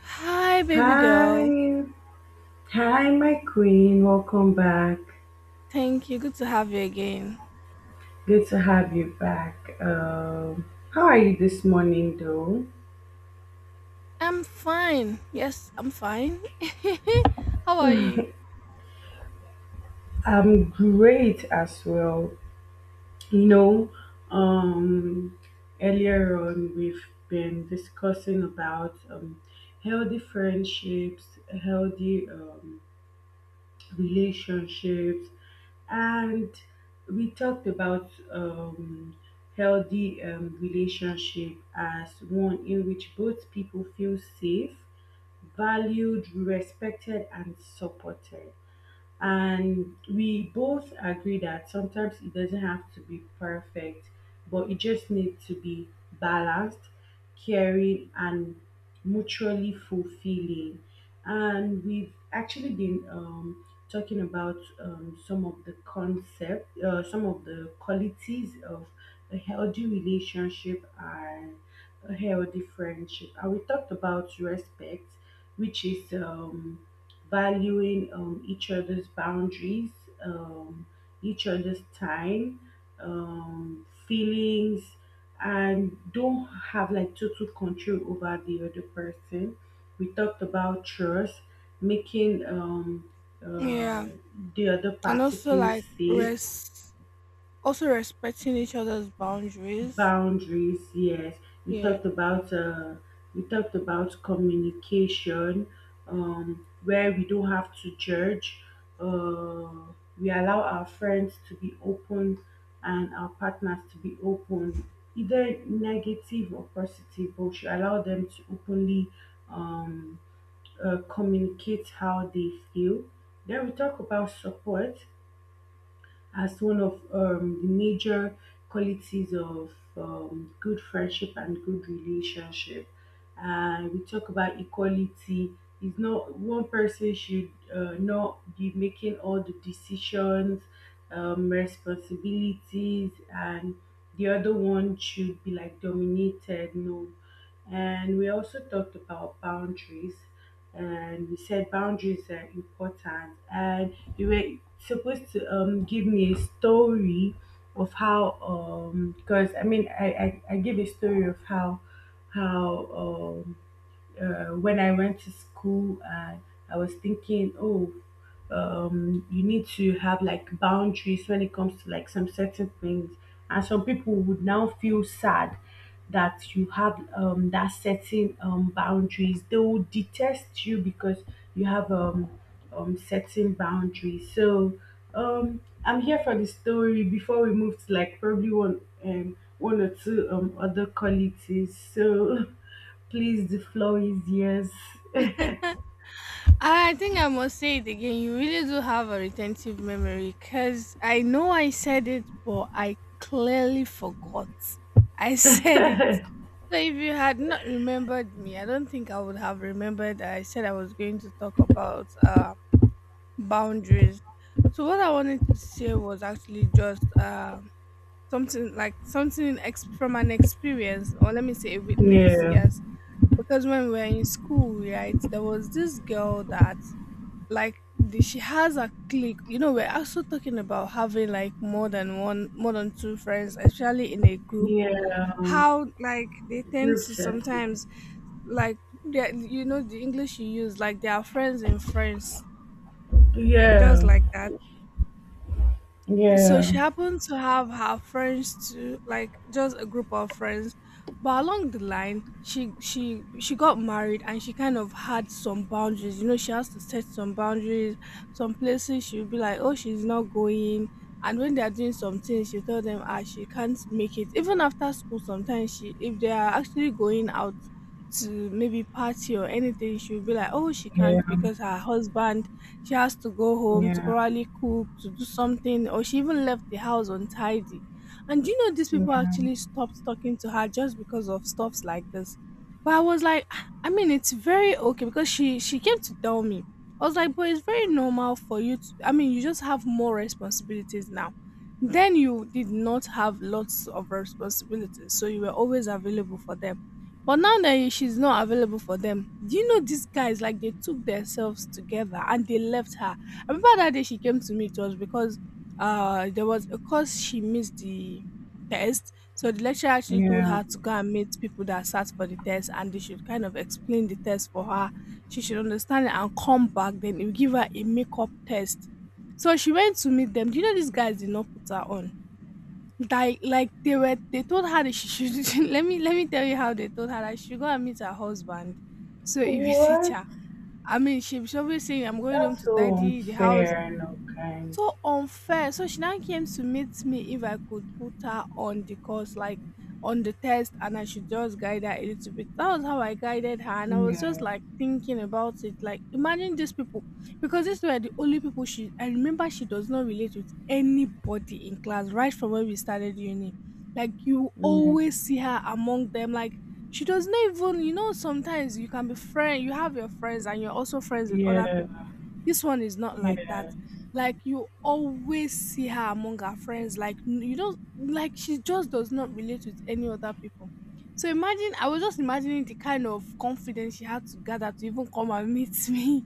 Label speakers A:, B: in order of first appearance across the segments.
A: Hi, baby girl.
B: Hi, hi, my queen. Welcome back.
A: Thank you. Good to have you again.
B: Good to have you back. Um, how are you this morning, though?
A: I'm fine. Yes, I'm fine. How are you?
B: I'm great as well. You know, um, earlier on we've been discussing about healthy friendships, healthy relationships, and we talked about healthy relationship as one in which both people feel safe, valued, respected, and supported. And we both agree that sometimes it doesn't have to be perfect, but it just needs to be balanced, caring, and mutually fulfilling. And we've actually been talking about some of the concept some of the qualities of a healthy relationship and a healthy friendship. And we talked about respect, which is valuing each other's boundaries, um, each other's time, feelings, and don't have like total control over the other person. We talked about trust, making uh,
A: Yeah.
B: the other
A: And
B: party
A: also,
B: feel
A: like,
B: safe.
A: also respecting each other's boundaries.
B: Boundaries, yes. We
A: Yeah.
B: talked about uh, we talked about communication, where we don't have to judge. Uh, we allow our friends to be open and our partners to be open, either negative or positive. But we should allow them to openly um, communicate how they feel. Then we talk about support as one of the major qualities of good friendship and good relationship. And we talk about equality. It's not one person should not be making all the decisions, responsibilities, and the other one should be like dominated. No, and we also talked about boundaries, and we said boundaries are important, and you were supposed to give me a story of how because I mean I give a story of how how um when I went to school, and I was thinking, you need to have like boundaries when it comes to like some certain things, and some people would now feel sad that you have that certain boundaries. They will detest you because you have certain boundaries. So I'm here for the story before we move to like probably one or two other qualities. So please, the floor is yours.
A: I think I must say it again. You really do have a retentive memory because I know I said it, but I clearly forgot. I said it. So if you had not remembered me, I don't think I would have remembered that I said I was going to talk about boundaries. So what I wanted to say was actually just something like something from an experience, or let me say a witness.
B: Yeah,
A: Yes, because when we were in school, right, there was this girl that, like, she has a clique. You know, we're also talking about having like more than one, more than two friends, especially in a group,
B: yeah.
A: how like they tend
B: Group
A: to
B: test.
A: sometimes, like you know the english you use, like they are friends in france, just
B: Yeah.
A: like that. So
B: Yeah.
A: she happened to have her friends too, like just a group of friends. But along the line, she got married and she kind of had some boundaries. You know, she has to set some boundaries. Some places she'll be like, oh, she's not going. And when they are doing some things, she tell them, ah, she can't make it. Even after school, sometimes she, if they are actually going out to maybe party or anything, she'll be like, oh, she
B: Yeah.
A: can't because her husband, she has to go home to
B: Yeah.
A: probably cook, to do something, or she even left the house untidy. And do you know these
B: Yeah.
A: people actually stopped talking to her just because of stuffs like this? But I was like, "Ah, I mean, it's very okay because she came to tell me. I was like, but it's very normal for you to. I mean, you just have more responsibilities now. Then you did not have lots of responsibilities, so you were always available for them. But now that she's not available for them, do you know these guys like they took themselves together and they left her? I remember that day she came to me, it was because there was a course she missed the test. So the lecturer actually told
B: Yeah.
A: her to go and meet people that sat for the test and they should kind of explain the test for her. She should understand it and come back, then it will give her a makeup test. So she went to meet them. Do you know these guys did not put her on? Like they told her that she should let me tell you how they told her that she should go and meet her husband. So it was a
B: What?
A: teacher. I mean she was always saying I'm going home
B: That's
A: to
B: so
A: tidy the house,
B: unfair and unkind.
A: so unfair. So she now came to meet me if I could put her on the course, like on the test, and I should just guide her a little bit. That was how I guided her, and I was just
B: Yeah.
A: like thinking about it. Like, imagine these people, because these were the only people she. I remember she does not relate with anybody in class, right from when we started uni. Like, you
B: Yeah.
A: always see her among them, like. She does not even, you know, sometimes you can be friend, you have your friends and you're also friends with other
B: Yeah.
A: people. This one is not
B: Yeah.
A: like that,
B: Yes.
A: like you always see her among her friends, like you don't, like she just does not relate with any other people. So imagine I was just imagining the kind of confidence she had to gather to even come and meet me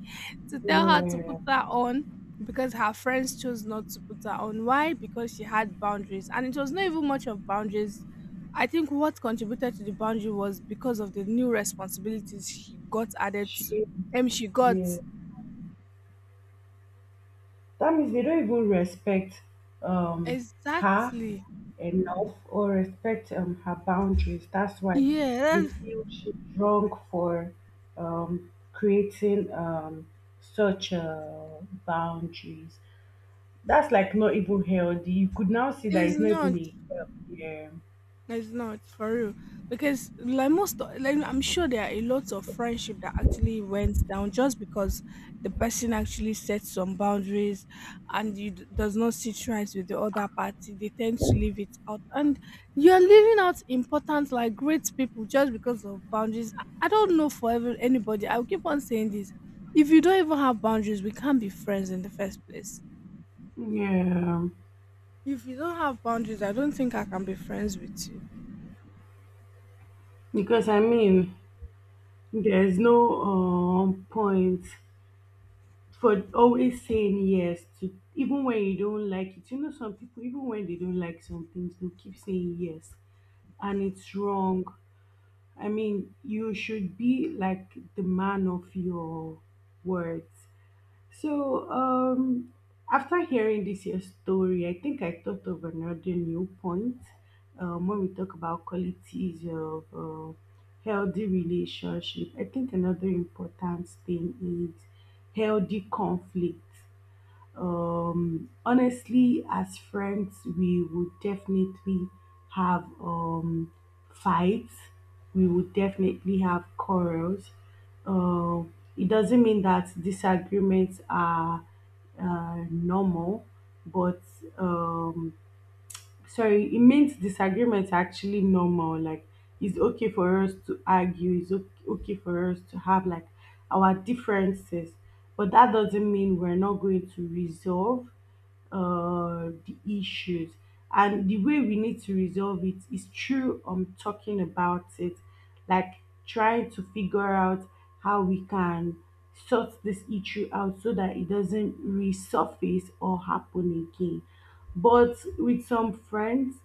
A: to tell her to
B: Yeah.
A: put her on, because her friends chose not to put her on. Why? Because she had boundaries, and it was not even much of boundaries. I think what contributed to the boundary was because of the new responsibilities she got added to,
B: She.
A: and she got,
B: Yeah. That means they don't even respect um her
A: exactly,
B: enough, or respect her boundaries. That's why
A: yeah.
B: they feel she's wrong for creating such boundaries. That's like not even healthy. You could now see that
A: It's
B: it's not even
A: not.
B: a healthy. Yeah,
A: It's not for real. Because like most, like I'm sure there are a lot of friendship that actually went down just because the person actually set some boundaries, and you does not sit right with the other party. They tend to leave it out, and you're leaving out important, like great people, just because of boundaries. I don't know for every, anybody. I'll keep on saying this. If you don't even have boundaries, we can't be friends in the first place.
B: yeah.
A: If you don't have boundaries, I don't think I can be friends with you.
B: Because I mean, there's no point for always saying yes to even when you don't like it. You know, some people, even when they don't like some things, they keep saying yes, and it's wrong. I mean, you should be like the man of your words. So, after hearing this your story, I think I thought of another new point when we talk about qualities of healthy relationship. I think another important thing is healthy conflict. Honestly, as friends, we would definitely have fights. We would definitely have quarrels. It doesn't mean that disagreements are normal, but um, sorry, it means disagreements are actually normal. Like it's okay for us to argue, it's o- okay for us to have like our differences, but that doesn't mean we're not going to resolve the issues. And the way we need to resolve it is through talking about it, like trying to figure out how we can sort this issue out so that it doesn't resurface or happen again. But with some friends,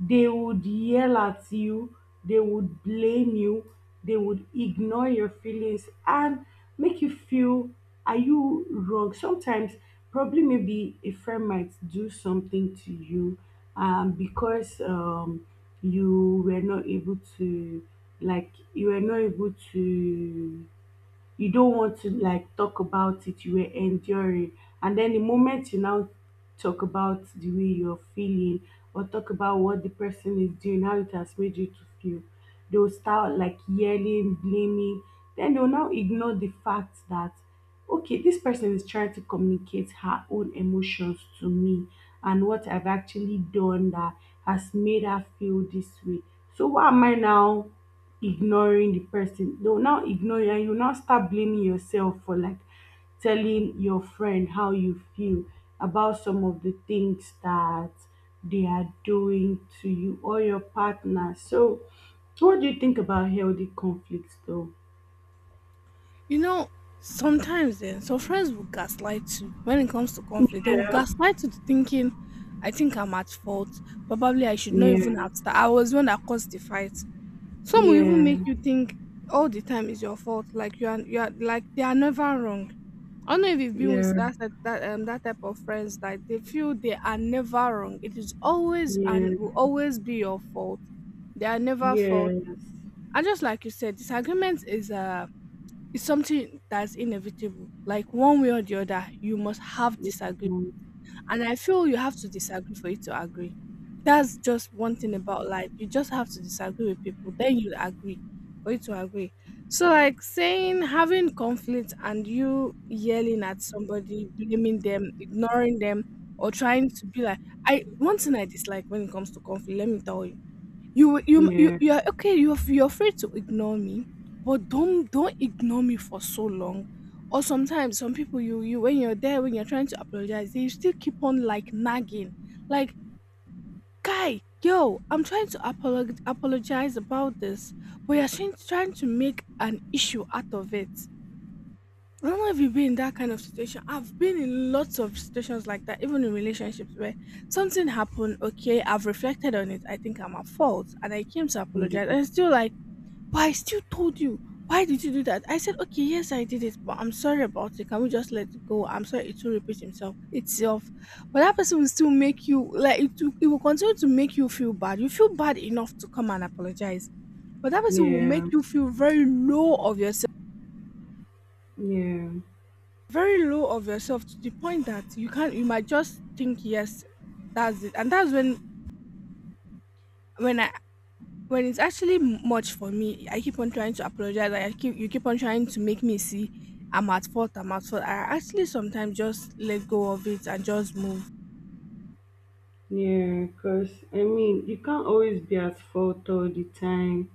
B: they would yell at you, they would blame you, they would ignore your feelings and make you feel, are you wrong? Sometimes, probably maybe a friend might do something to you because you were not able to, like, you were not able to, you don't want to like talk about it, you were enduring. And then the moment you now talk about the way you're feeling, or talk about what the person is doing, how it has made you to feel, they'll start like yelling, blaming, then they'll now ignore the fact that, okay, this person is trying to communicate her own emotions to me, and what I've actually done that has made her feel this way, so why am I now ignoring the person. They'll now ignore you, and you now start blaming yourself for like telling your friend how you feel about some of the things that they are doing to you or your partner. So what do you think about healthy conflicts though?
A: You know, sometimes then some friends will gaslight you when it comes to conflict. They will
B: Yeah.
A: gaslight you to thinking, I think I'm at fault. Probably I should not
B: Yeah.
A: even have that. I was the one that caused the fight. Some will even
B: Yeah.
A: make you think all the time is your fault. Like you are like they are never wrong. I don't know if you've been with
B: Yeah.
A: that that type of friends that they feel they are never wrong. It is always
B: Yeah.
A: and will always be your fault. They are never fault.
B: Yes.
A: And just like you said, disagreement is a, it's something that's inevitable. Like one way or the other, you must have disagree. And I feel you have to disagree for you to agree. That's just one thing about life. You just have to disagree with people, then you agree for you to agree. So like saying having conflict and you yelling at somebody, blaming them, ignoring them, or trying to be like, I, one thing I dislike when it comes to conflict, let me tell you, you you you
B: Yeah.
A: you are okay, you're you're free to ignore me, but don't ignore me for so long. Or sometimes some people, you when you're there, when you're trying to apologize they still keep on like nagging, like, guy, yo, I'm trying to apologize about this, but you're trying to make an issue out of it. I don't know if you've been in that kind of situation. I've been in lots of situations like that, even in relationships where something happened. Okay, I've reflected on it. I think I'm at fault, and I came to
B: Yeah.
A: apologize. And it's still like, but I still told you. Why did you do that? I said, okay, yes, I did it, but I'm sorry about it. Can we just let it go? I'm sorry it will repeat himself itself. But that person will still make you like it. Will, it will continue to make you feel bad. You feel bad enough to come and apologize, but that person will
B: Yeah.
A: make you feel very low of yourself.
B: Yeah.
A: Very low of yourself to the point that you can't, you might just think yes, that's it. And that's when I, when it's actually much for me, I keep on trying to apologize. Like, I keep, you keep on trying to make me see I'm at fault, I actually sometimes just let go of it and just move.
B: Yeah, because I mean, you can't always be at fault all the time.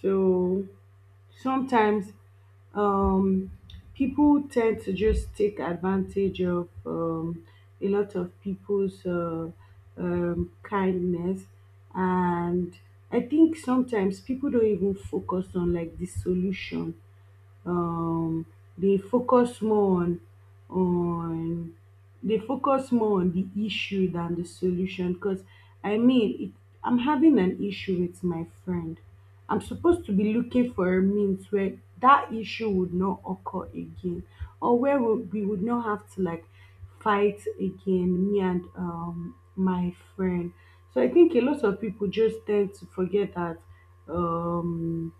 B: So sometimes um, people tend to just take advantage of a lot of people's kindness. And I think sometimes people don't even focus on like the solution um dey focus more on they focus more on the issue than the solution. Because I mean, it, I'm having an issue with my friend, I'm supposed to be looking for a means where that issue would not occur again, or where we would not have to like fight again, me and my friend. So I think a lot of people just tend to forget that um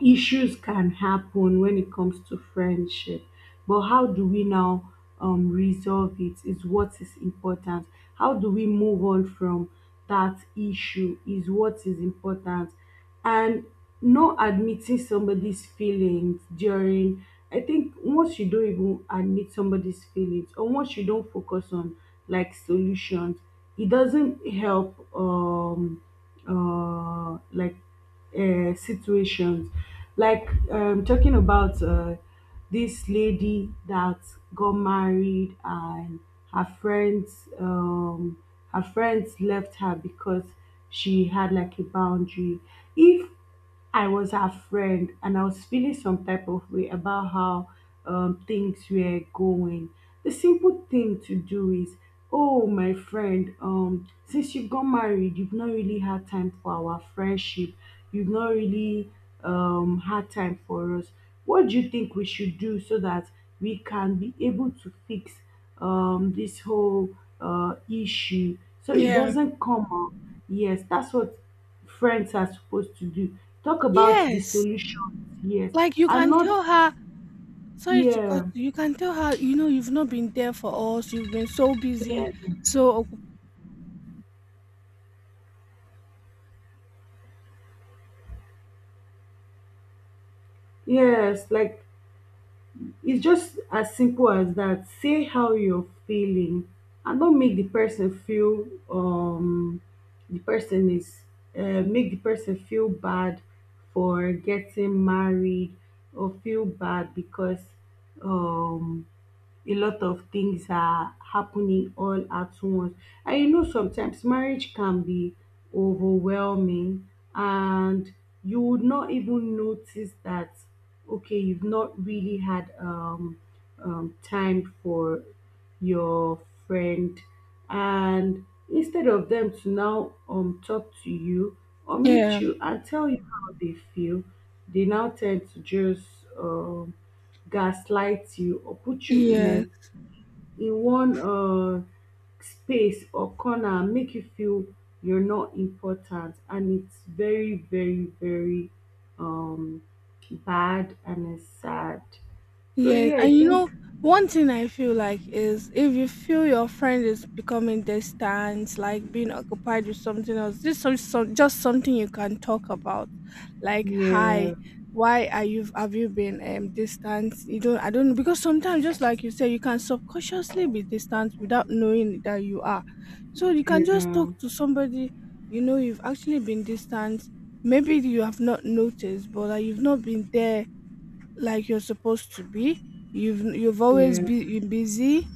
B: issues can happen when it comes to friendship, but how do we now resolve it is what is important, how do we move on from that issue is what is important. And not admitting somebody's feelings during, I think once you don't even admit somebody's feelings, or once you don't focus on like solutions, it doesn't help uh like situations. Like talking about this lady that got married and her friends, her friends left her because she had like a boundary. If I was her friend, and I was feeling some type of way about how things were going. The simple thing to do is, oh my friend, since you've got married, you've not really had time for our friendship. You've not really had time for us. What do you think we should do so that we can be able to fix this whole issue so it
A: Yeah,
B: doesn't come up? Yes, that's what friends are supposed to do. Talk about the
A: yes.
B: solutions, yes,
A: Like you
B: and
A: can
B: not
A: tell her, sorry to cut
B: yeah,
A: you, you can tell her, you know, you've not been there for us, you've been so busy,
B: yeah,
A: so
B: yes. Like it's just as simple as that. Say how you're feeling, and don't make the person feel the person is make the person feel bad for getting married, or feel bad because um a lot of things are happening all at once. And you know, sometimes marriage can be overwhelming, and you would not even notice that, okay, you've not really had time for your friend. And instead of them to now talk to you or meet
A: yeah,
B: you and tell you how they feel, they now tend to just um, gaslight you or put you
A: yeah.
B: in a in one space or corner and make you feel you're not important. And it's very, very, very um bad, and it's sad. So
A: Yes,
B: yeah,
A: and
B: I
A: you know,
B: think
A: one thing I feel like is if you feel your friend is becoming distant, like being occupied with something else, just some just something you can talk about, like
B: yeah,
A: hi, why are you, have you been distant? You don't, I don't know, because sometimes just like you say, you can subconsciously be distant without knowing that you are. So you can just
B: yeah,
A: talk to somebody, you know you've actually been distant. Maybe you have not noticed, but like, you've not been there like you're supposed to be. You've
B: yeah,
A: always
B: yeah,
A: been busy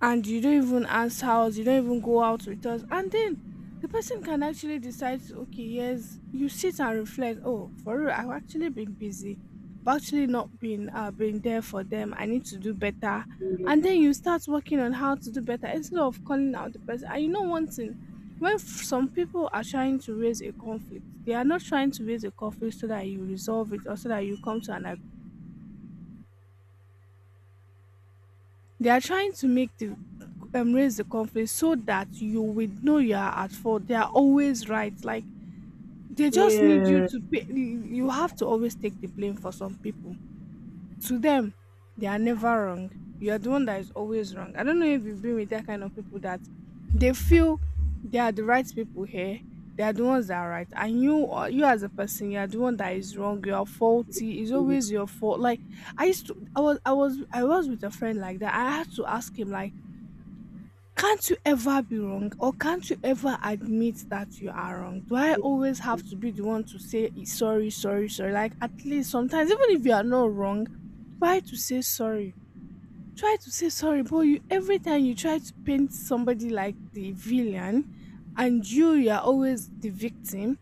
A: and you don't even ask house, you don't even go out with us. And then the person can actually decide to okay, yes, you sit and reflect, oh, for real, I've actually been busy. I've actually not been been there for them. I need to do better. And then you start working on how to do better instead of calling out the person. And you know one thing, when some people are trying to raise a conflict, they are not trying to raise a conflict so that you resolve it or so that you come to an, they are trying to make the, raise the conflict so that you will know you are at fault. They are always right. Like they
B: yeah,
A: just need you
B: yeah,
A: to pay. You have to always take the blame for some people. To them, they are never wrong. You are the one that is always wrong. I don't know if you've been with that kind of people that they feel they are the right people here. They are the ones that are right, and you as a person, you are the one that is wrong. You are faulty. It's always your fault. Like I used to, I was, I was, I was with a friend like that. I had to ask him like can't you ever be wrong or can't you ever admit that you are wrong? Do I always have to be the one to say "Eh, sorry? Like, at least sometimes, even if you are not wrong, try to say sorry. Try to say sorry, but you every time you try to paint somebody like the villain and you are always the victim,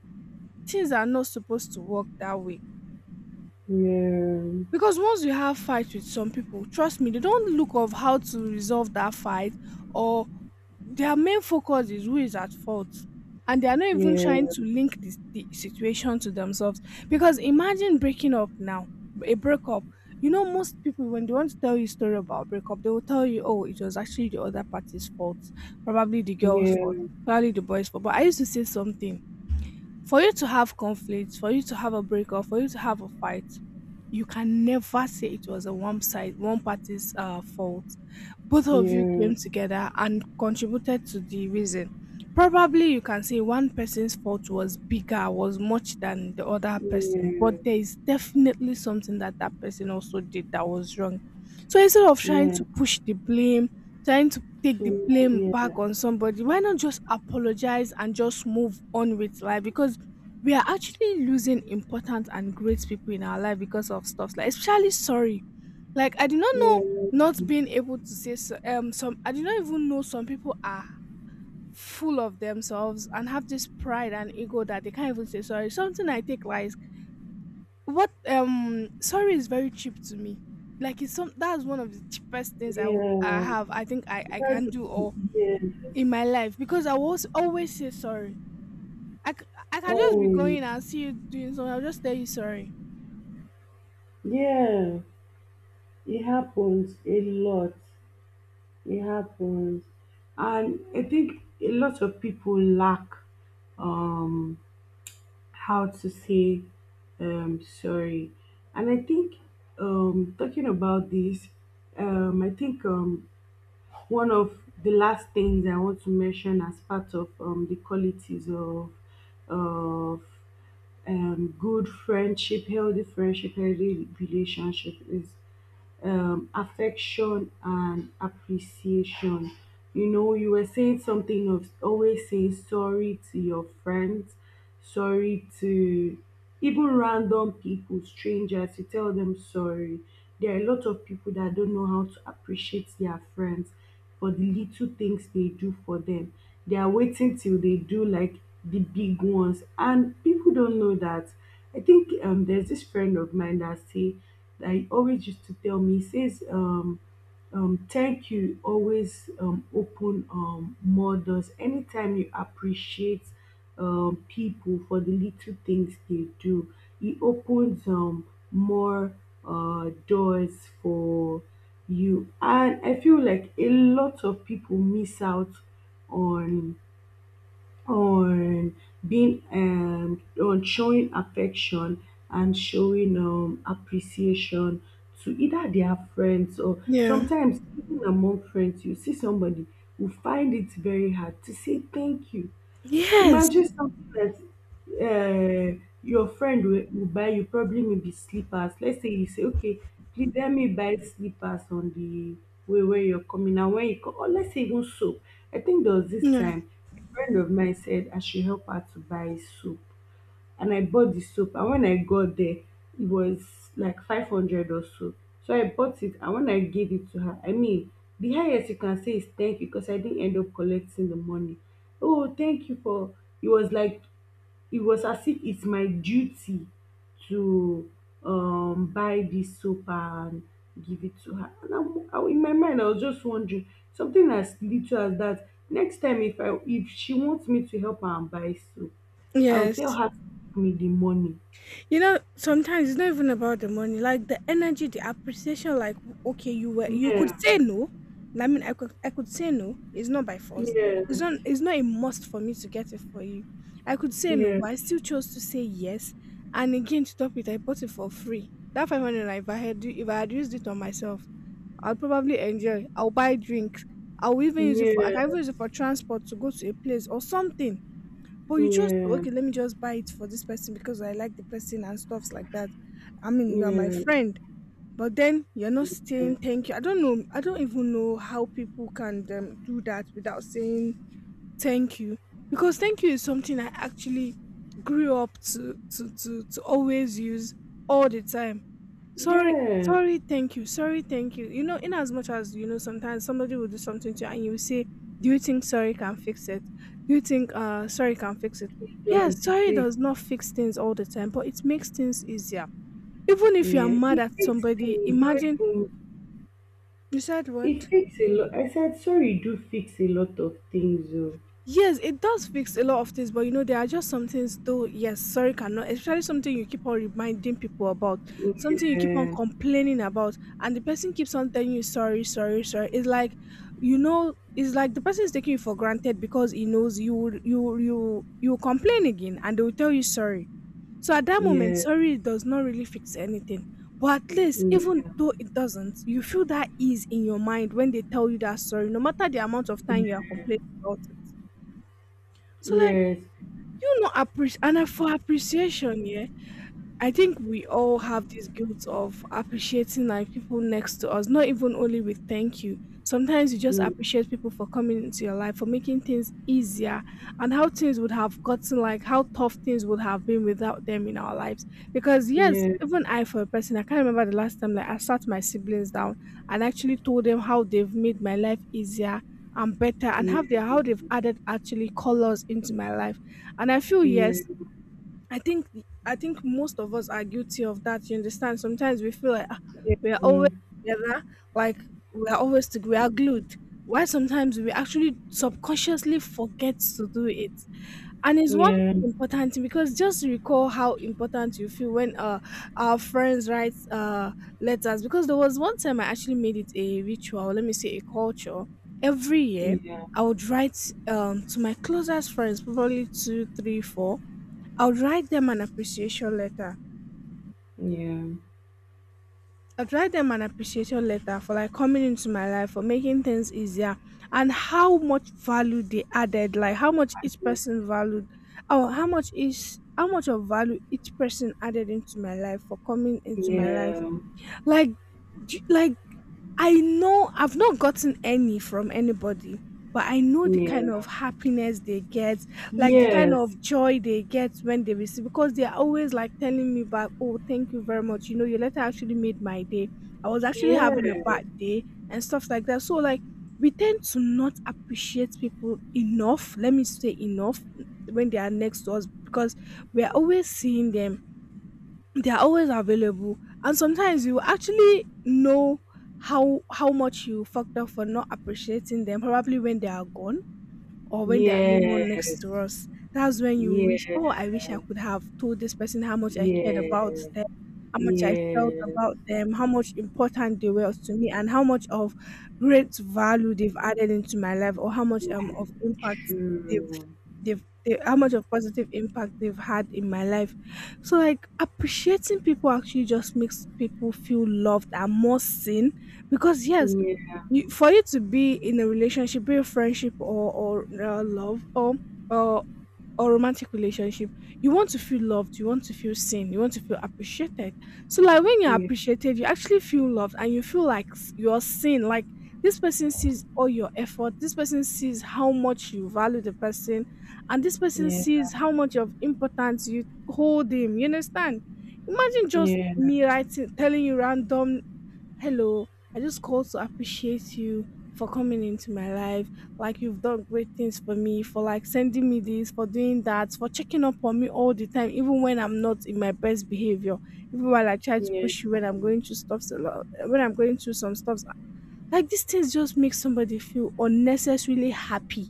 A: things are not supposed to work that way.
B: yeah,
A: Because once you have fight with some people, trust me, they don't look of how to resolve that fight or their main focus is who is at fault and they are not even
B: yeah,
A: trying to link this the situation to themselves because imagine breaking up now, a breakup. You know, most people when they want to tell you a story about breakup, they will tell you oh it was actually the other party's fault, probably the girl's
B: yeah,
A: fault, probably the boy's fault. But I used to say something: for you to have conflict, for you to have a breakup, for you to have a fight, you can never say it was a one side, one party's fault. Both of you came together and contributed to the reason. Probably you can say one person's fault was bigger, was much than the other person, but there is definitely something that that person also did that was wrong. So instead of trying
B: yeah,
A: to push the blame, trying to take the
B: so
A: blame
B: yeah,
A: back on somebody, why not just apologize and just move on with life? Because we are actually losing important and great people in our life because of stuff like especially sorry, like I did not
B: yeah,
A: know, not being able to say so, some I did not even know some people are full of themselves and have this pride and ego that they can't even say sorry. Something I take like what, sorry is very cheap to me. Like it's some that's one of the cheapest things i would i
B: yeah.
A: have i think i i
B: That's
A: can do or
B: yes.
A: in my life, because I was always say sorry. I, c- I can just be
B: Oh,
A: going and see you doing something. I'll just tell you sorry.
B: yeah. It happens a lot. It happens. And I think a lot of people lack um how to say sorry. And I think talking about this, I think one of the last things I want to mention as part of the qualities of good friendship, healthy relationship is affection and appreciation. You know, you were saying something of always saying sorry to your friends, sorry to even random people, strangers, you tell them sorry. There are a lot of people that don't know how to appreciate their friends for the little things they do for them. They are waiting till they do like the big ones, and people don't know that. I think there's this friend of mine that say I always used to tell me, he says, thank you always open more doors. Anytime you appreciate people for the little things they do, it opens more doors for you. And I feel like a lot of people miss out on on being on showing affection and showing appreciation to either their friends, or
A: Yeah.
B: sometimes even among friends you see somebody who find it very hard to say thank you.
A: Yes.
B: Imagine something that your friend will buy you, probably maybe slippers. Let's say you say, okay, please let me buy slippers on the way where you're coming. And when you come, or let's say even soap. I think there was this
A: Yeah.
B: time, a friend of mine said I should help her to buy soap, and I bought the soap, and when I got there it was like 500 or so. So I bought it, and when I gave it to her, I mean, the highest you can say is thank you, because I didn't end up collecting the money. Oh, thank you for, it was like, it was as if it's my duty to buy this soap and give it to her. And I, in my mind, I was just wondering, something as little as that. Next time, if she wants me to help her and buy soap, I'll tell
A: Yes.
B: her to give me the money.
A: You know sometimes it's not even about the money, like the energy, the appreciation. Like okay, you were, you could
B: Yeah,
A: say no. I mean, I could say no. It's not by force.
B: yes,
A: It's not a must for me to get it for you. I could
B: yeah,
A: say no,
B: yeah,
A: but I still chose to say yes. And again, to top it, I bought it for free. That 500 naira, if I had used it on myself, I'll probably enjoy, I'll buy drinks. I'll even use it for, I can even use it for transport to go to a place or something. But
B: yeah,
A: you chose to,
B: yeah,
A: okay, let me just buy it for this person because I like the person and stuffs like that. I mean, you are my friend, but then you're not
B: yeah,
A: saying thank you. I don't know. I don't even know how people can do that without saying thank you. Because thank you is something I actually grew up to always use all the time. Sorry,
B: yeah.
A: sorry, thank you, sorry, thank you. You know, in as much as, you know, sometimes somebody will do something to you and you will say do you think sorry can fix it? Do you think sorry can fix it?
B: It
A: Yes,
B: does, it
A: sorry
B: fix,
A: does not fix things all the time, but it makes things easier. Even if you are
B: yeah.
A: mad
B: It
A: at
B: fix
A: somebody,
B: things, not
A: imagine.
B: even.
A: You said
B: It
A: what?
B: fix a lot. I said sorry, do fix a lot of things. Oh.
A: Yes, it does fix a lot of things, but you know, there are just some things, though, yes, sorry, cannot, especially something you keep on reminding people about, something you keep on
B: Yeah,
A: complaining about, and the person keeps on telling you, sorry, sorry, sorry. It's like, you know, it's like the person is taking you for granted because he knows you, you complain again and they will tell you sorry. So at that moment,
B: yeah,
A: sorry does not really fix anything. But at least, even
B: yeah,
A: though it doesn't, you feel that ease in your mind when they tell you that sorry, no matter the amount of time you are complaining about it. So like
B: yes,
A: you not appreciate, and I for appreciation, yeah. I think we all have this guilt of appreciating like people next to us, not even only with thank you. Sometimes you just
B: mm,
A: appreciate people for coming into your life, for making things easier, and how things would have gotten, like how tough things would have been without them in our lives. Because yes,
B: yeah,
A: even I for a person, I can't remember the last time like I sat my siblings down and actually told them how they've made my life easier and better, and
B: yeah,
A: have their how
B: yeah,
A: they've added actually colors into my life. And I feel
B: yeah,
A: yes,
B: yeah,
A: I think, I think most of us are guilty of that. You understand? Sometimes we feel like ah, we are always together, like we are always together, we are glued. Why sometimes we actually subconsciously forget to do it, and
B: yeah,
A: it's
B: yeah, yeah,
A: one
B: yeah, yes, yeah,
A: important thing, because just recall how important you feel when our friends write letters. Because there was one time I actually made it a ritual, let me say a culture. Every year
B: yes,
A: I would write to my closest friends, probably two, three, four, I'll write them an appreciation letter. I'd write them an appreciation letter for like coming into my life, for making things easier, and how much value they added, like how much each person valued, or how much of value each person added into my life for coming into my life. Like, like I know I've not gotten any from anybody, but I know the kind of happiness they get, like the kind of joy they get when they receive, because they're always like telling me back, oh, thank you very much. You know, your letter actually made my day. I was actually having a bad day and stuff like that. So, like, we tend to not appreciate people enough, let me say enough, when they are next to us, because we're always seeing them, they are always available, and sometimes you actually know how much you fucked up for not appreciating them, probably when they are gone or when they are no more next to us. That's when you wish
B: yeah,
A: oh I wish I could have told this person how much I cared about
B: yeah,
A: them, how much I felt
B: yeah,
A: about them, how much important they were to me, and how much of great value they've added into my life, or how much of impact they
B: true,
A: how much of positive impact they've had in my life. So like appreciating people actually just makes people feel loved and more seen, because yes,
B: yeah,
A: you, for you to be in a relationship, be a friendship or love or or or romantic relationship, you want to feel loved, you want to feel seen, you want to feel appreciated. So like when you're appreciated, you actually feel loved and you feel like you're seen. Like this person sees all your effort, this person sees how much you value the person, and this person
B: yeah, yeah,
A: sees how much of importance you hold him. You understand? Imagine just me writing telling you random, "Hello, I just called to appreciate you for coming into my life. Like you've done great things for me, for like sending me this, for doing that, for checking up on me all the time, even when I'm not in my best behavior, even while I try to
B: yeah,
A: push you when I'm going through stuff when I'm going through some stuff." Like these things just make somebody feel unnecessarily happy.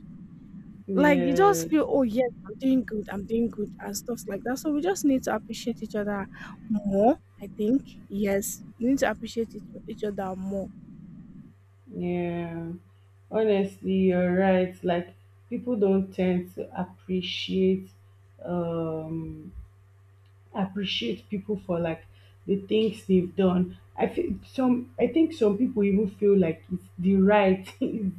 A: Like you
B: yeah, yeah.
A: just feel, oh yes, I'm doing good, and stuff like that. So we just need to appreciate each other more. I think yes, we need to appreciate each other more.
B: Yeah, honestly, you're right. Like people don't tend to um appreciate people for like the things they've done. I think some people even feel like it's the right is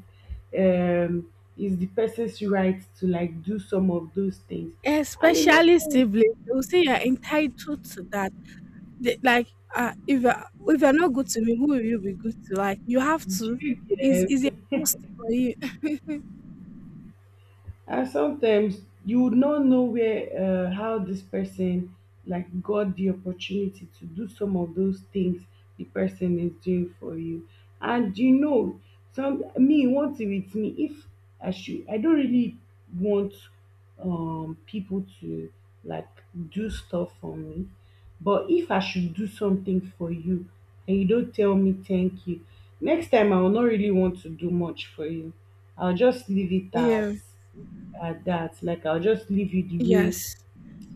B: um is the person's right to like do some of those things. And
A: Especially
B: imagine,
A: siblings, they will say you're entitled to that. They, like, if you're not good to me, who will you be good to? Like, you have
B: do
A: to.
B: you
A: Is a
B: get,
A: must for you?
B: and sometimes you would not know where how this person like got the opportunity to do some of those things the person is doing for you. And you know, some me, one thing with me: if I should I don't really want people to like do stuff for me. But if I should do something for you and you don't tell me thank you, next time I will not really want to do much for you. I'll just leave it at
A: Yeah.
B: at that. Like I'll just leave you the way
A: Yes.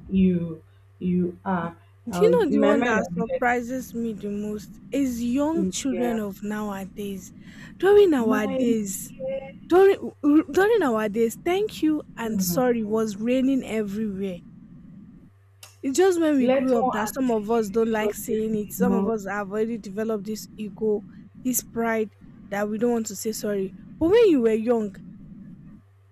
B: you you are.
A: Do
B: I'll,
A: you know
B: in
A: the
B: my
A: one
B: mind,
A: that
B: I'll be like,
A: surprises me the most is young
B: mm,
A: children
B: yeah,
A: of nowadays. During our
B: my
A: days,
B: dear,
A: during our days, thank you and
B: hmm,
A: sorry was raining everywhere. It's just when we
B: let
A: grew up
B: one
A: that some
B: auntie
A: of us
B: give
A: don't
B: you
A: like
B: something
A: saying
B: I
A: it.
B: did
A: Some of
B: not.
A: us have already developed this ego, this pride that we don't want to say sorry. But when you were young,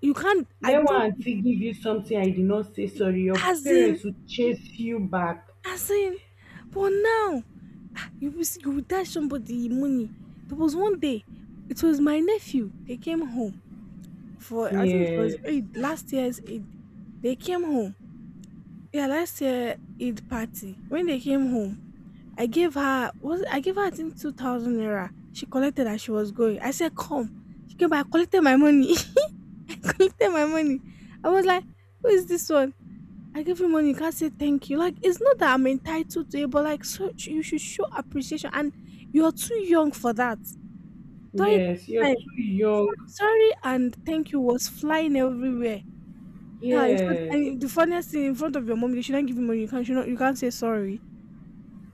A: you can't. I
B: Let one
A: think
B: auntie give you something I did not say
A: it-
B: sorry. Your
A: as in,
B: parents will chase you back.
A: as in. But now ah, you will you will dash somebody money. There was one day. It was my nephew. They came home for I think it was
B: Yes,
A: Eid, last year's Eid. They came home. Yeah, last year Eid party. When they came home, I gave her I think 2,000 naira. She collected as she was going. I said, "Come." She came back. I collected my money. I collected my money. I was like, "Who is this one? I gave you money. You can't say thank you." Like it's not that I'm entitled to it, but like so you should show appreciation. And you're too young for that. During
B: yes, you're
A: that time,
B: too young.
A: sorry and thank you was flying everywhere. Yeah, in front,
B: Yes.
A: and the funniest thing, in front of your mom, you shouldn't give you money. You can't, you know, you can't say sorry.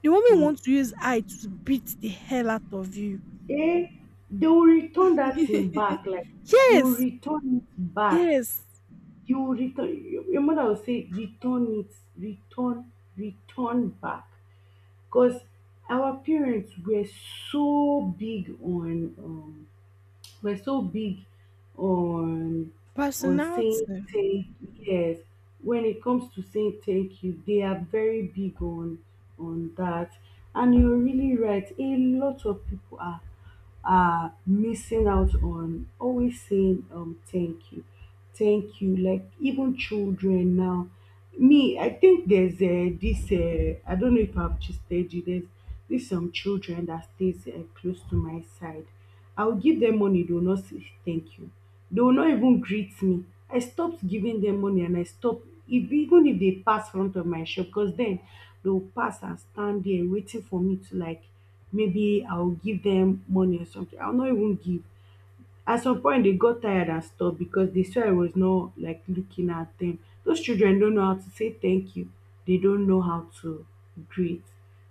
A: The woman
B: Hmm.
A: wants to use eye to beat the hell out of you.
B: Eh, they will return that thing back. Like you will
A: Yes,
B: return it back.
A: yes,
B: You return, your mother will say return it, return back. Because our parents were so big on, um we're so big on on saying
A: personality.
B: thank yes, when it comes to saying thank you, they are very big on that. And you're really right, a lot of people are missing out on always saying thank you, thank you. Like even children now, me, I think there's this, I don't know if I've just told you, there's this, some children that stays close to my side. I will give them money. They will not say thank you. They will not even greet me. I stopped giving them money, and I stopped, if, even if they pass front of my shop, because then they will pass and stand there waiting for me to like maybe I will give them money or something. I will not even give. At some point they got tired and stopped, because they saw I was not like looking at them. Those children don't know how to say thank you. They don't know how to greet.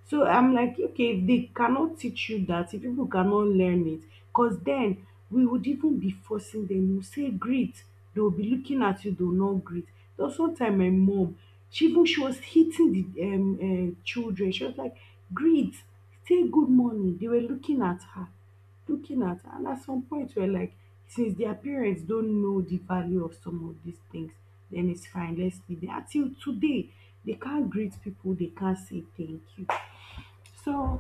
B: So I'm like, okay, if they cannot teach you that, if people cannot learn it, because then we would even be forcing them. You say greet, they will be looking at you, they will not greet. There's one time my mom, she was hitting the children. She was like, greet, say good morning. They were looking at her, looking at, and at some point we're like, since their parents don't know the value of some of these things, then it's fine, let's leave it. Until today, they can't greet people, they can't say thank you. So,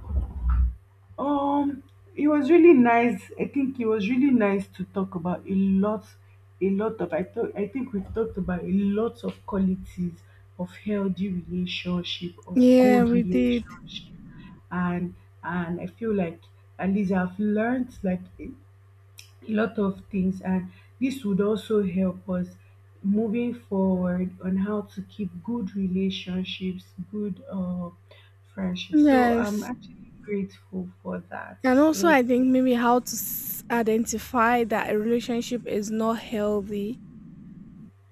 B: um it was really nice, I think it was really nice to talk about a lot of I thought I think we've talked about a lot of qualities of healthy relationship, of
A: Yeah,
B: good
A: we did.
B: relationship. And and I feel like at least I've learned like a lot of things, and this would also help us moving forward on how to keep good relationships, good friendships. So I'm
A: Yes.
B: actually grateful for that.
A: And also,
B: Thank
A: I think
B: you.
A: maybe how to identify that a relationship is not healthy.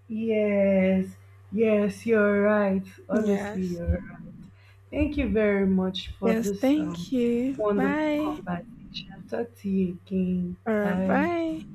B: Yes, yes, you're right, honestly,
A: Yes.
B: you're right. Thank you very much for
A: Yes,
B: this
A: thank you.
B: wonderful
A: Bye.
B: conversation. Talk to you again.
A: All right,
B: Bye.
A: bye.